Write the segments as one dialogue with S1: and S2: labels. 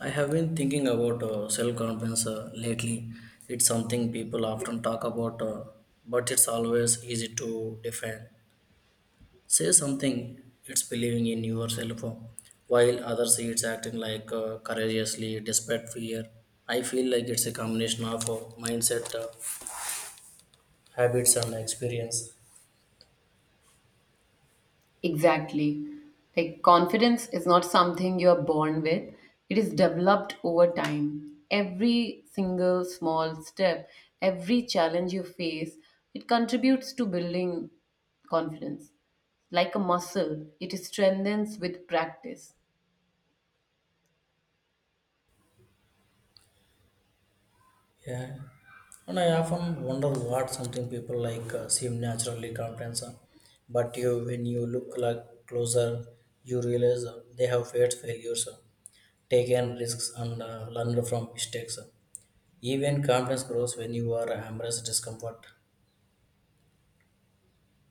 S1: I have been thinking about self confidence lately. It's something people often talk about, but it's always easy to defend. Say something, it's believing in yourself, while others see it's acting courageously despite fear. I feel like it's a combination of mindset, habits, and experience.
S2: Exactly. Like confidence is not something you're born with, it is developed over time. Every single small step, every challenge you face, it contributes to building confidence. Like a muscle, it strengthens with practice.
S1: Yeah, and I often wonder what something people seem naturally confident, but you, when you look like closer, you realize they have faced failures, taken risks, and learned from mistakes. Even confidence grows when you are embrace discomfort.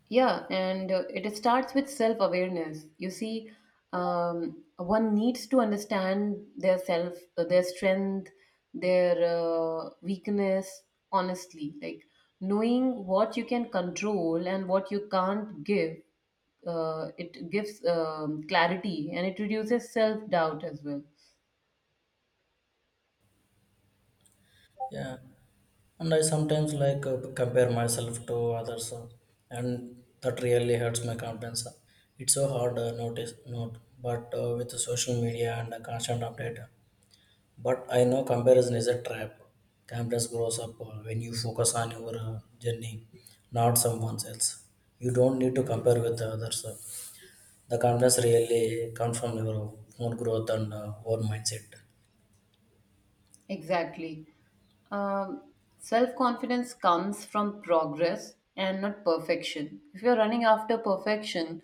S2: Yeah, and it starts with self awareness. You see, one needs to understand their self, their strength, their weakness, honestly. Like knowing what you can control and what you can't give, it gives clarity and it reduces self doubt as well.
S1: Yeah, and I sometimes compare myself to others, and that really hurts my confidence. It's so hard notice, not, but with the social media and constant update. But I know comparison is a trap. Confidence grows up when you focus on your journey, not someone else. You don't need to compare with the others. The confidence really comes from your own growth and own mindset.
S2: Exactly. Um, Self confidence comes from progress and not perfection. If you're running after perfection,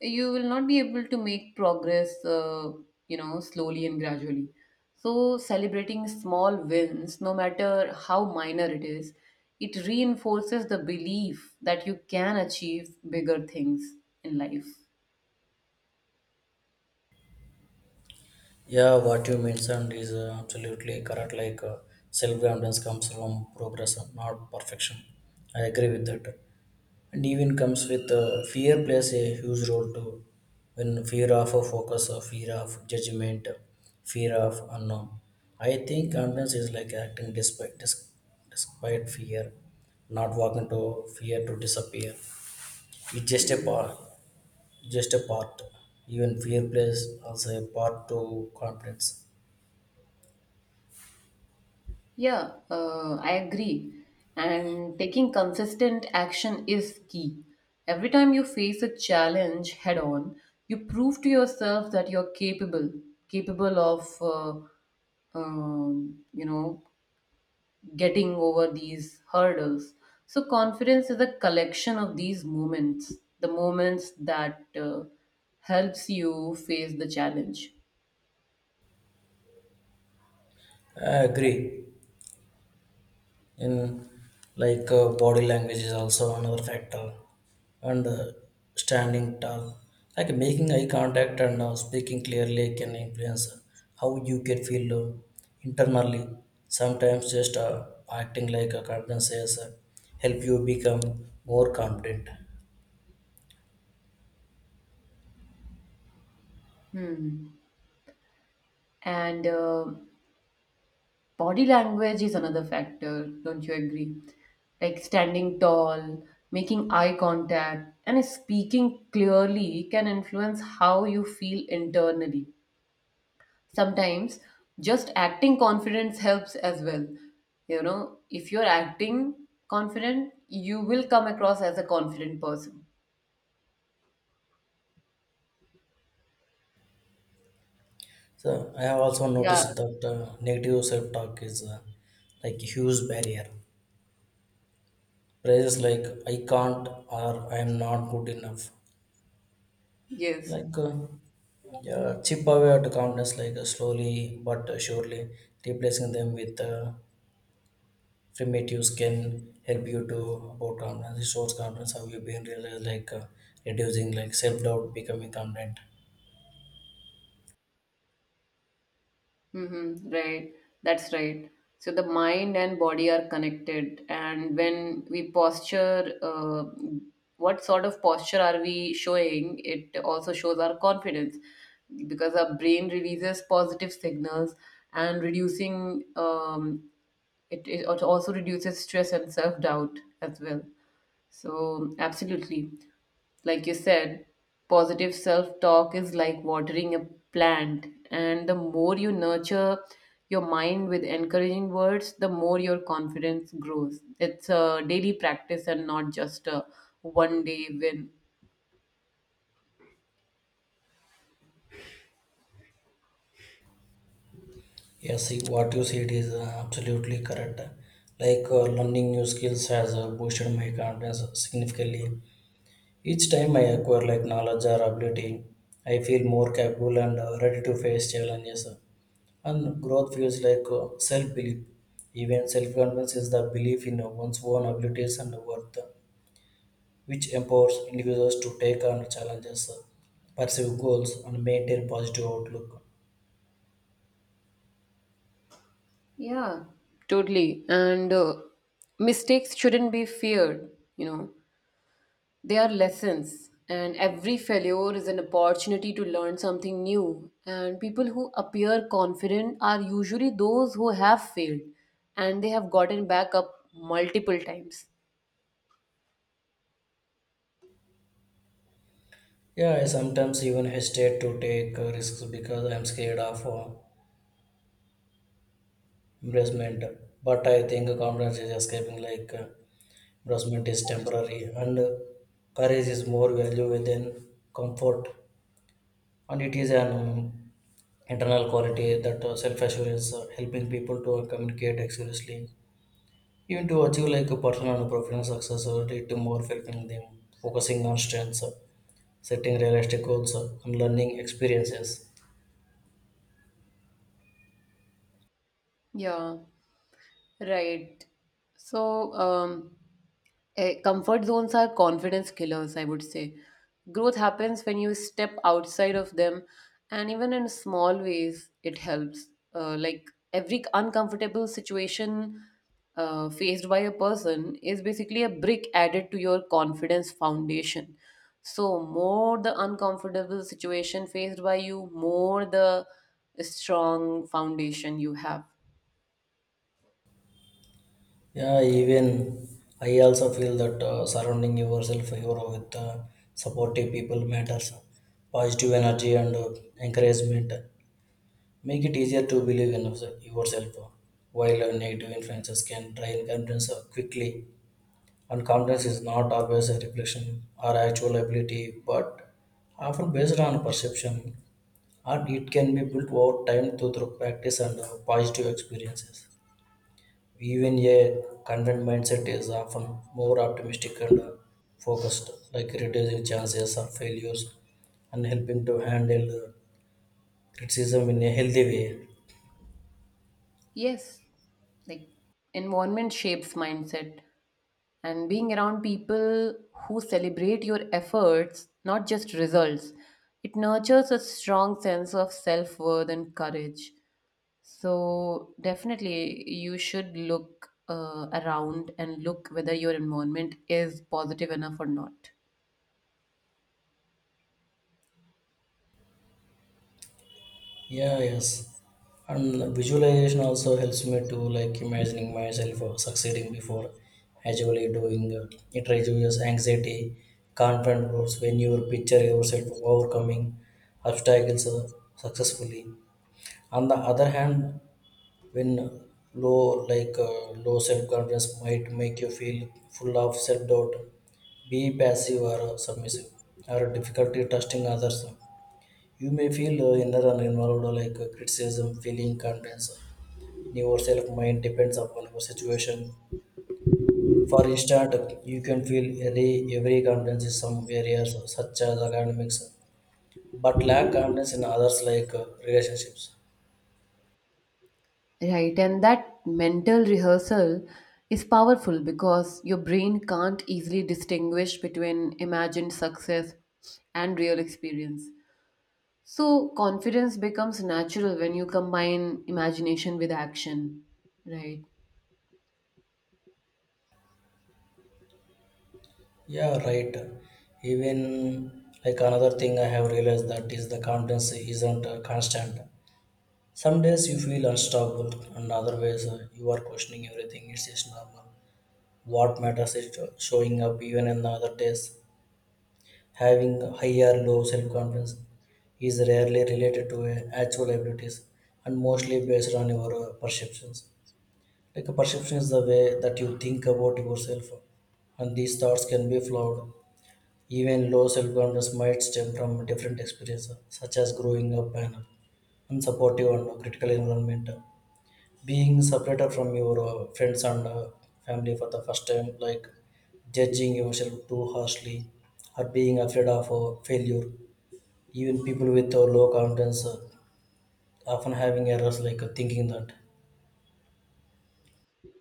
S2: you will not be able to make progress, slowly and gradually. So, celebrating small wins, no matter how minor it is, it reinforces the belief that you can achieve bigger things in life.
S1: Yeah, what you mentioned is absolutely correct. Self-confidence comes from progress, not perfection. I agree with that. And even comes with fear plays a huge role too. When fear of a focus, or fear of judgment, fear of unknown. I think confidence is like acting despite despite fear, not walking to fear to disappear. It's just a part, just a part. Even fear plays also a part to confidence.
S2: Yeah, I agree. And taking consistent action is key. Every time you face a challenge head on, you prove to yourself that you're capable, capable of, getting over these hurdles. So confidence is a collection of these moments, the moments that helps you face the challenge.
S1: I agree. In body language is also another factor, and standing tall, like making eye contact and speaking clearly can influence how you can feel internally. Sometimes just acting like a confidence is help you become more confident.
S2: Hmm. And body language is another factor, don't you agree? Like standing tall, making eye contact, and speaking clearly can influence how you feel internally. Sometimes just acting confidence helps as well. You know, if you're acting confident, you will come across as a confident person.
S1: So I have also
S2: Yeah,
S1: noticed that negative self-talk is like a huge barrier. Phrases like "I can't" or "I am not good enough."
S2: yes.
S1: Like, uh, yeah, chip away at counters slowly but surely replacing them with primitives can help you to about confidence, resource confidence. How you been realized reducing like self doubt, becoming confident.
S2: Mm-hmm, right. That's right. So the mind and body are connected, and when we posture, what sort of posture are we showing? It also shows our confidence because our brain releases positive signals and reducing it also reduces stress and self doubt as well. So, absolutely. Like you said, positive self talk is like watering a plant. And the more you nurture your mind with encouraging words, the more your confidence grows. It's a daily practice and not just a one day win.
S1: Yes, see, what you said is absolutely correct. Learning new skills has boosted my confidence significantly. Each time I acquire like knowledge or ability, I feel more capable and ready to face challenges. And growth feels self belief. Even self confidence is the belief in one's own abilities and worth, which empowers individuals to take on challenges, pursue goals, and maintain positive outlook.
S2: Yeah, totally. And mistakes shouldn't be feared, you know. They are lessons, and every failure is an opportunity to learn something new. And people who appear confident are usually those who have failed and they have gotten back up multiple times.
S1: Yeah, I sometimes even hesitate to take risks because I'm scared of embarrassment. But I think confidence is escaping embarrassment is temporary and courage is more value than comfort, and it is an internal quality that self-assurance helping people to communicate accurately even to achieve like a personal and professional success or lead to more helping them focusing on strengths, setting realistic goals, and learning experiences.
S2: Yeah, right. So, comfort zones are confidence killers, I would say. Growth happens when you step outside of them, and even in small ways, it helps. Like every uncomfortable situation faced by a person is basically a brick added to your confidence foundation. So, more the uncomfortable situation faced by you, more the strong foundation you have.
S1: Yeah, even I also feel that surrounding yourself hero with supportive people matters, positive energy and encouragement make it easier to believe in yourself, while negative influences can drain confidence quickly. And confidence is not always a reflection or actual ability, but often based on perception, and it can be built over time through practice and positive experiences. Even a confident mindset is often more optimistic and focused, like reducing chances of failures and helping to handle criticism in a healthy way.
S2: Yes, like environment shapes mindset, and being around people who celebrate your efforts, not just results, it nurtures a strong sense of self worth and courage. So, definitely, you should look around and look whether your environment is positive enough or not.
S1: Yeah, yes. And visualization also helps me to like imagining myself succeeding before actually doing it reduces anxiety, confident growth when you picture yourself overcoming obstacles successfully. On the other hand, when low low self confidence might make you feel full of self doubt, be passive or submissive, or difficulty trusting others. You may feel inner and involved, criticism, feeling confidence in yourself. Mind depends upon your situation. For instance, you can feel every confidence in some areas such as academics, but lack confidence in others relationships.
S2: Right, and that mental rehearsal is powerful because your brain can't easily distinguish between imagined success and real experience. So confidence becomes natural when you combine imagination with action, right?
S1: Yeah, right. Even like another thing I have realized that is the confidence isn't constant. Some days you feel unstoppable, and other ways you are questioning everything. It's just normal. What matters is showing up even on other days. Having high or low self confidence is rarely related to actual abilities and mostly based on your perceptions. Like a perception is the way that you think about yourself, and these thoughts can be flawed. Even low self confidence might stem from different experiences, such as growing up in an unsupportive and critical environment, being separated from your friends and family for the first time, like judging yourself too harshly or being afraid of failure. Even people with low confidence, often having errors thinking that,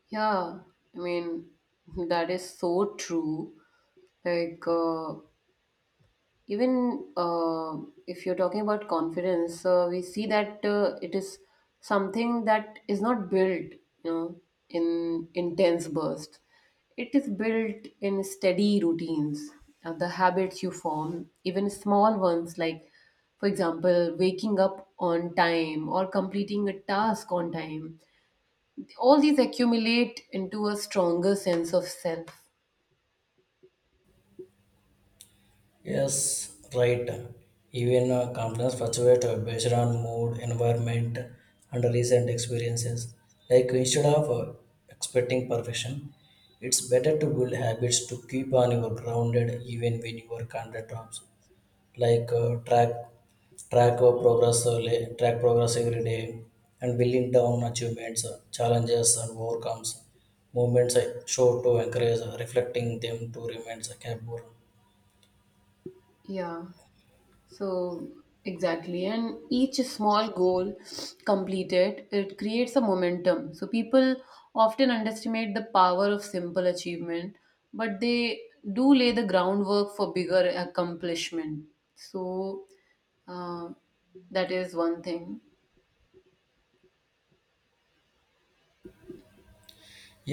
S2: Yeah, I mean, that is so true. Like, even if you're talking about confidence we see that it is something that is not built, you know, in intense bursts. It is built in steady routines. The habits you form, even small ones, like for example waking up on time or completing a task on time, all these accumulate into a stronger sense of self.
S1: yes, right. Even confidence fluctuates based on mood, environment, and recent experiences. Like instead of expecting perfection, it's better to build habits to keep on your grounded even when your content drops. like uh, track track of progress, track progress every day, and building down achievements, challenges and overcomes movements, I show to encourage, reflecting them to remain, capable.
S2: Yeah. So, exactly. And each small goal completed, it creates a momentum. So, people often underestimate the power of simple achievement, but they do lay the groundwork for bigger accomplishment. So, uh, that is one thing.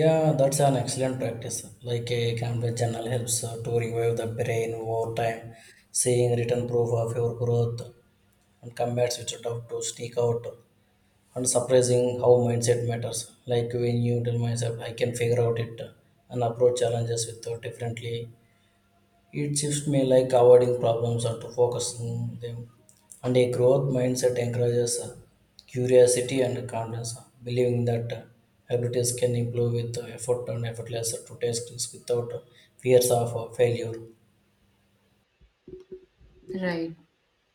S1: Yeah, that's an excellent practice, like a canvas journal helps to revive the brain over time, seeing written proof of your growth and combats which doubt to sneak out, and surprising how mindset matters. Like when you tell myself I can figure out it and approach challenges with differently, it shifts me like avoiding problems or to focusing them. And a growth mindset encourages curiosity and confidence, believing that abilities can improve with effort and effortless to test risks without fears of failure.
S2: Right.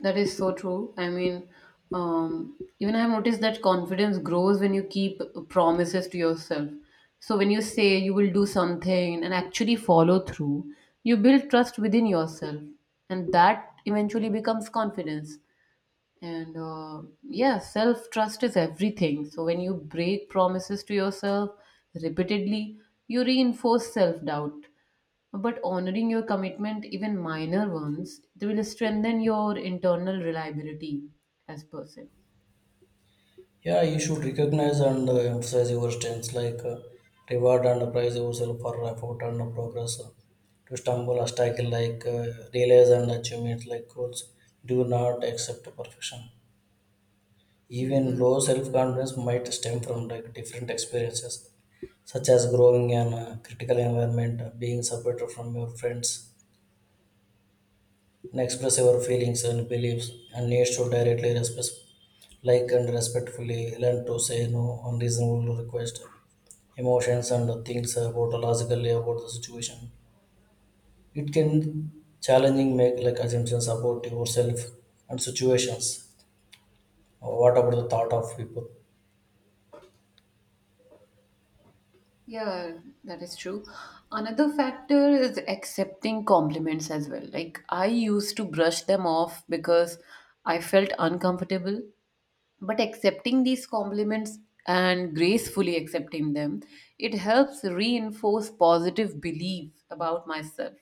S2: That is so true. I mean, even I've noticed that confidence grows when you keep promises to yourself. So when you say you will do something and actually follow through, you build trust within yourself, and that eventually becomes confidence. And yeah, self trust is everything. So when you break promises to yourself repeatedly, you reinforce self doubt. But honoring your commitment, even minor ones, they will strengthen your internal reliability as person.
S1: Yeah, you should recognize and emphasize your strengths, reward and praise yourself for effort and progress. To stumble a struggle, realize and achievement, like goals. Do not accept perfection. Even
S2: Hmm.
S1: low self-confidence might stem from like different experiences, such as growing in a critical environment, being supported from your friends, and express your feelings and beliefs, and needs to directly respect, like and respectfully learn to say no on reasonable request emotions and things about logically about the situation. It can challenging make like assumptions about yourself and situations. What about the thought of people?
S2: Yeah, that is true. Another factor is accepting compliments as well. Like I used to brush them off because I felt uncomfortable, but accepting these compliments and gracefully accepting them, it helps reinforce positive belief about myself.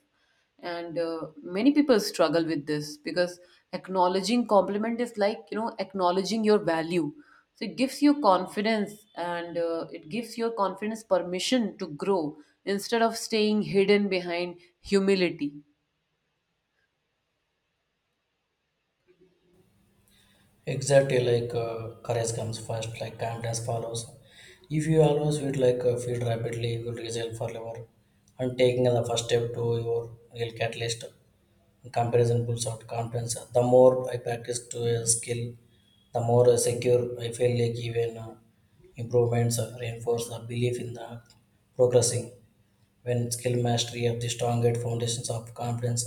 S2: And many people struggle with this because acknowledging compliment is, like, you know, acknowledging your value. So it gives you confidence, and it gives your confidence permission to grow instead of staying hidden behind humility.
S1: Exactly, courage comes first, like confidence follows. If you always feel feel rapidly, you will result forever. And taking the first step to your real catalyst comparison pulls out confidence, the more I practice to a skill, the more secure I feel like, even improvements reinforce the belief in the progressing, when skill mastery of the strongest foundations of confidence,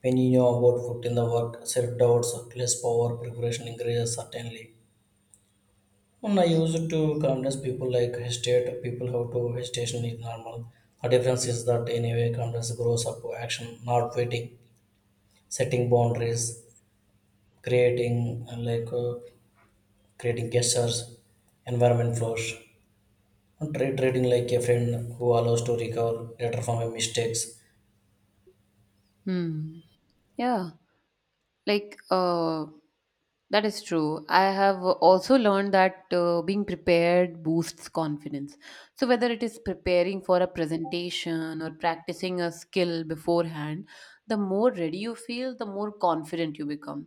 S1: when you know about foot in the work self-doubts less power preparation increases certainly when I use it to convince people like hesitate, people how to hesitation is normal. The difference is that anyway, confidence grows up to action, not waiting, setting boundaries, creating creating gestures, environment flows, and trading like a friend who allows to recover later from a mistakes.
S2: Hmm. Yeah. Like, that is true. I have also learned that being prepared boosts confidence. So, whether it is preparing for a presentation or practicing a skill beforehand, the more ready you feel, the more confident you become.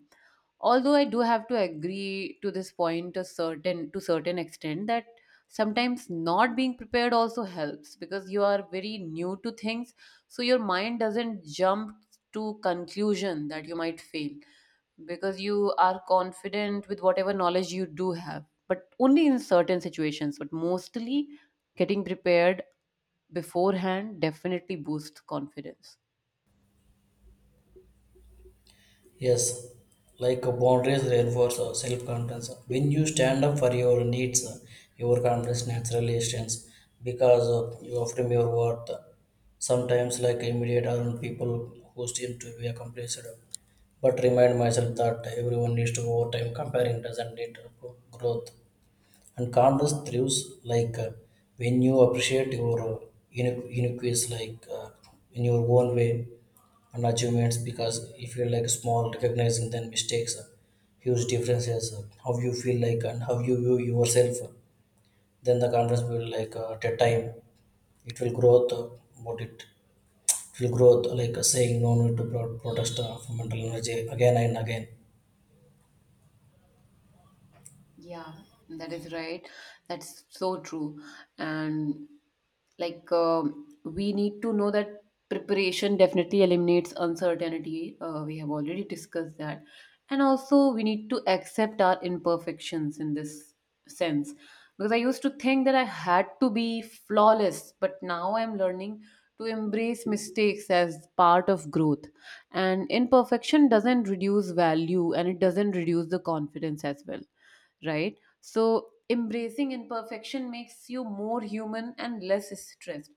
S2: Although I do have to agree to this point a certain, to certain extent, that sometimes not being prepared also helps because you are very new to things, so your mind doesn't jump to conclusion that you might fail, because you are confident with whatever knowledge you do have, but only in certain situations. But mostly, getting prepared beforehand definitely boosts confidence.
S1: Yes, boundaries reinforce our self-confidence. When you stand up for your needs, your confidence naturally stands because you affirm your worth. Sometimes, like immediate around people who seem to be accomplished, but remind myself that everyone needs to overtime comparing doesn't lead to growth, and calmness thrives like uh, when you appreciate your uniqueness in your own way and achievements, because if you like small recognizing then mistakes, huge differences, how you feel like and how you view yourself, then the confidence will at a time it will grow, what it will grow, saying no need to protest, for mental energy again and again.
S2: Yeah, that is right. That's so true. And, like, we need to know that preparation definitely eliminates uncertainty. We have already discussed that. And also we need to accept our imperfections in this sense. Because I used to think that I had to be flawless, but now I'm learning to embrace mistakes as part of growth. And imperfection doesn't reduce value and it doesn't reduce the confidence as well, right? So, embracing imperfection makes you more human and less stressed.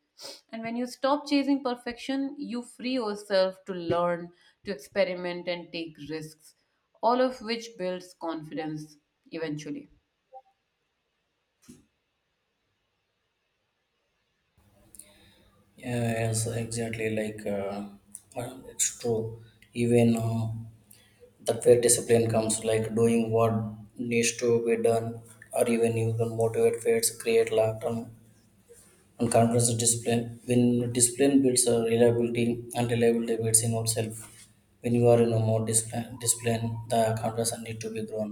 S2: And when you stop chasing perfection, you free yourself to learn, to experiment, and take risks, all of which builds confidence eventually.
S1: Yeah, yes, exactly, it's true. Even that where discipline comes, like doing what needs to be done, or even you can motivate fades, create long-term and confidence discipline. When discipline builds a reliability and reliability builds in yourself. When you are in a more discipline, the confidence need to be grown.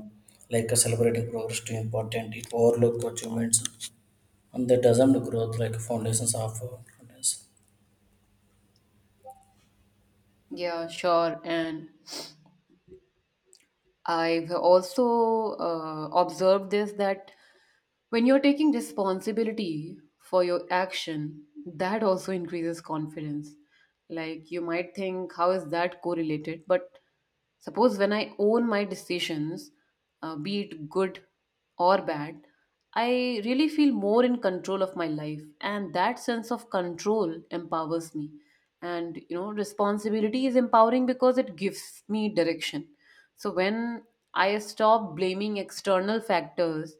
S1: Celebrating progress too important, it overlook achievements, and that doesn't growth like foundations of confidence.
S2: Yeah, sure. And I've also observed this, that when you're taking responsibility for your action, that also increases confidence. Like you might think, how is that correlated? But suppose when I own my decisions, be it good or bad, I really feel more in control of my life. And that sense of control empowers me. And you know, responsibility is empowering because it gives me direction. So when I stop blaming external factors,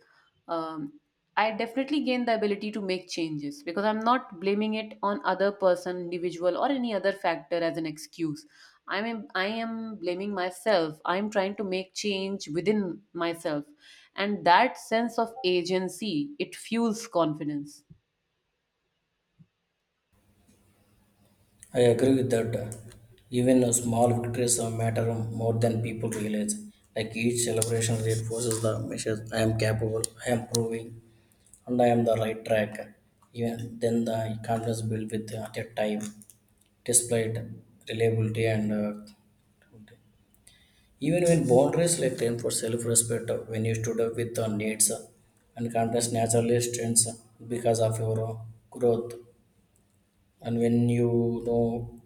S2: um, I definitely gain the ability to make changes, because I'm not blaming it on other person, individual, or any other factor as an excuse. I am blaming myself. I'm trying to make change within myself, and that sense of agency, it fuels confidence.
S1: I agree with that. Even a small victories are matter more than people realize. Like each celebration reinforces the message I am capable, I am proving, and I am the right track. Even then, the confidence built with at a time, displayed reliability and, even when boundaries like train for self-respect, when you stood up with the needs, and confidence naturally strengths, because of your growth, and when you know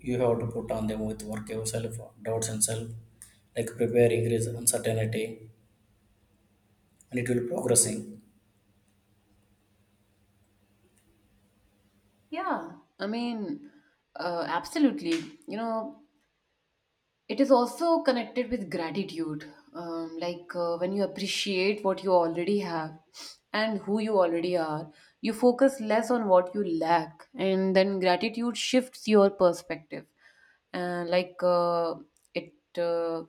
S1: you have to put on them with work yourself doubts and self like prepare increase uncertainty and it will progressing.
S2: Yeah, I mean, absolutely. You know, it is also connected with gratitude, when you appreciate what you already have and who you already are, you focus less on what you lack, and then gratitude shifts your perspective. And like it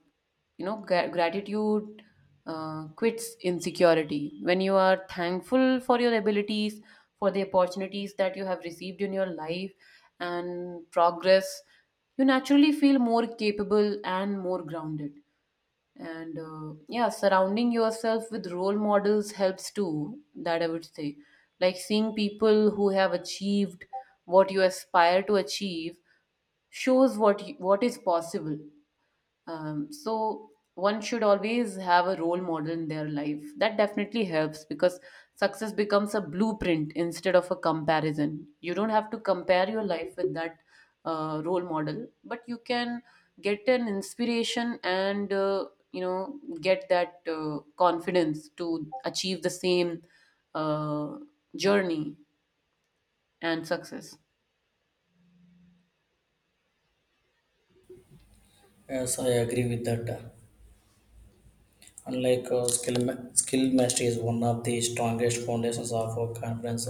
S2: you know, gratitude quits insecurity. When you are thankful for your abilities, for the opportunities that you have received in your life, and progress, you naturally feel more capable and more grounded. And yeah, surrounding yourself with role models helps too, that I would say. Like seeing people who have achieved what you aspire to achieve shows what is possible. So one should always have a role model in their life. That definitely helps because success becomes a blueprint instead of a comparison. You don't have to compare your life with that role model, but you can get an inspiration and you know, get that confidence to achieve the same uh, journey and success.
S1: Yes, I agree with that, unlike skill mastery is one of the strongest foundations of a conference,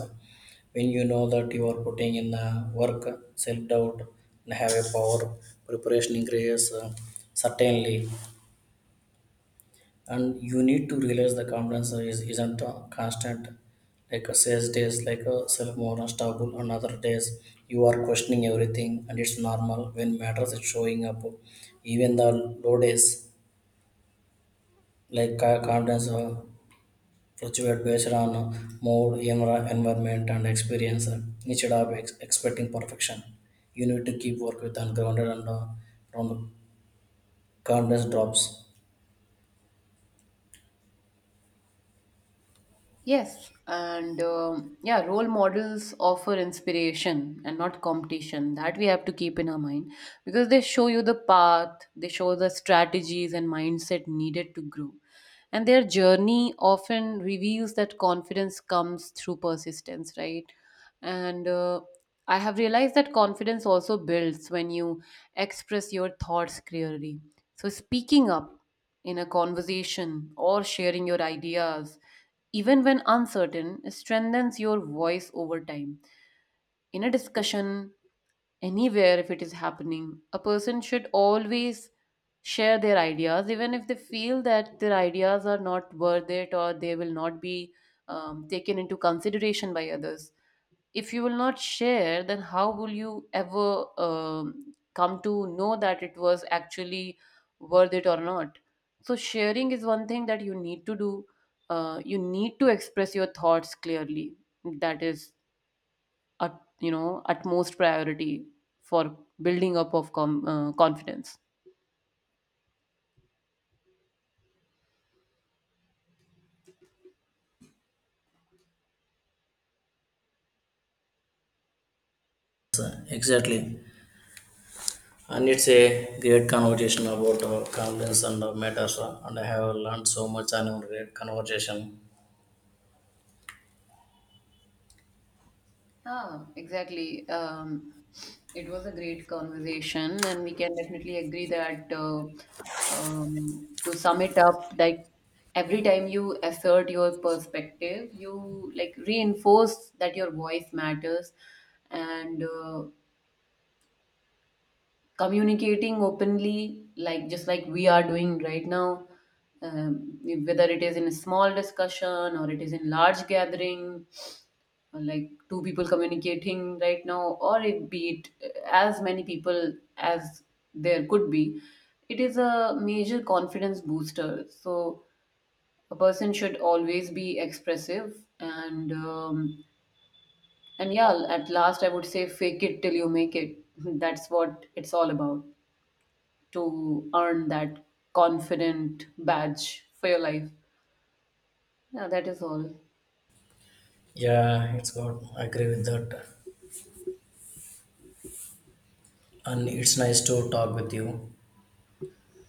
S1: when you know that you are putting in work self doubt and have a power preparation increases, certainly, and you need to realize the confidence isn't constant, like a sales days like a self-more unstoppable and other days you are questioning everything and it's normal when matters is showing up even the low days, confidence fluctuate based on mood, environment, and experience, instead of expecting perfection, you need to keep work with ungrounded and from confidence drops.
S2: Yes, and yeah, role models offer inspiration and not competition. That we have to keep in our mind, because they show you the path, they show the strategies and mindset needed to grow. And their journey often reveals that confidence comes through persistence, right? And I have realized that confidence also builds when you express your thoughts clearly. So, speaking up in a conversation or sharing your ideas, even when uncertain, strengthens your voice over time. In a discussion, anywhere if it is happening, a person should always share their ideas, even if they feel that their ideas are not worth it, or they will not be taken into consideration by others. If you will not share, then how will you ever come to know that it was actually worth it or not? So sharing is one thing that you need to do. You need to express your thoughts clearly. That is, at, you know, utmost priority for building up of confidence.
S1: Exactly, and it's a great conversation about confidence and matters, and I have learned so much and a great conversation.
S2: Ah, exactly. It was a great conversation, and we can definitely agree that to sum it up, like every time you assert your perspective, you like reinforce that your voice matters, and communicating openly, like just like we are doing right now, um, whether it is in a small discussion or it is in large gathering, like two people communicating right now, or it be it as many people as there could be, it is a major confidence booster. So a person should always be expressive, and yeah, at last I would say, fake it till you make it that's what it's all about, to earn that confident badge for your life. Yeah, that is all.
S1: Yeah, it's good, I agree with that, and it's nice to talk with you.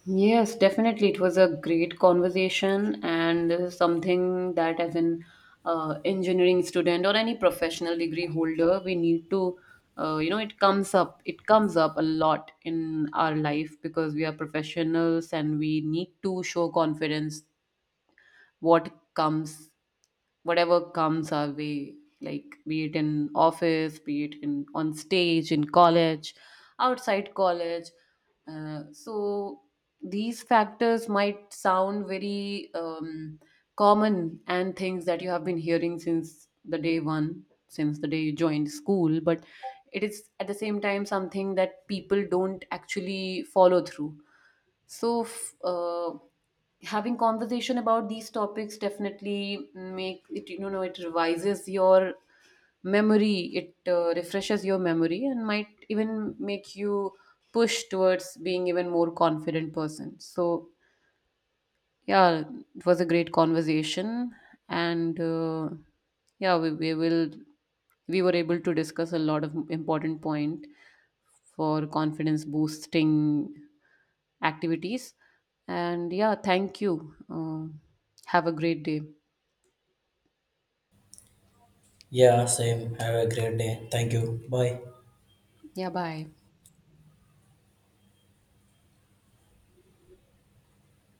S2: Yes, definitely. It was a great conversation, and this is something that, as an engineering student or any professional degree holder, we need to, it comes up. It comes up a lot in our life because we are professionals and we need to show confidence. What comes Whatever comes our way, like be it in office, be it in on stage in college, outside college, so these factors might sound very common, and things that you have been hearing since the day one, since the day you joined school, but it is at the same time something that people don't actually follow through. So, having conversation about these topics definitely make it, you know, it revises your memory. It refreshes your memory and might even make you push towards being even more confident person. So, yeah, it was a great conversation, and yeah, we were able to discuss a lot of important point for confidence boosting activities. And yeah, thank you. Have a great day.
S1: Yeah, same, have a great day, thank you, bye.
S2: Yeah, bye.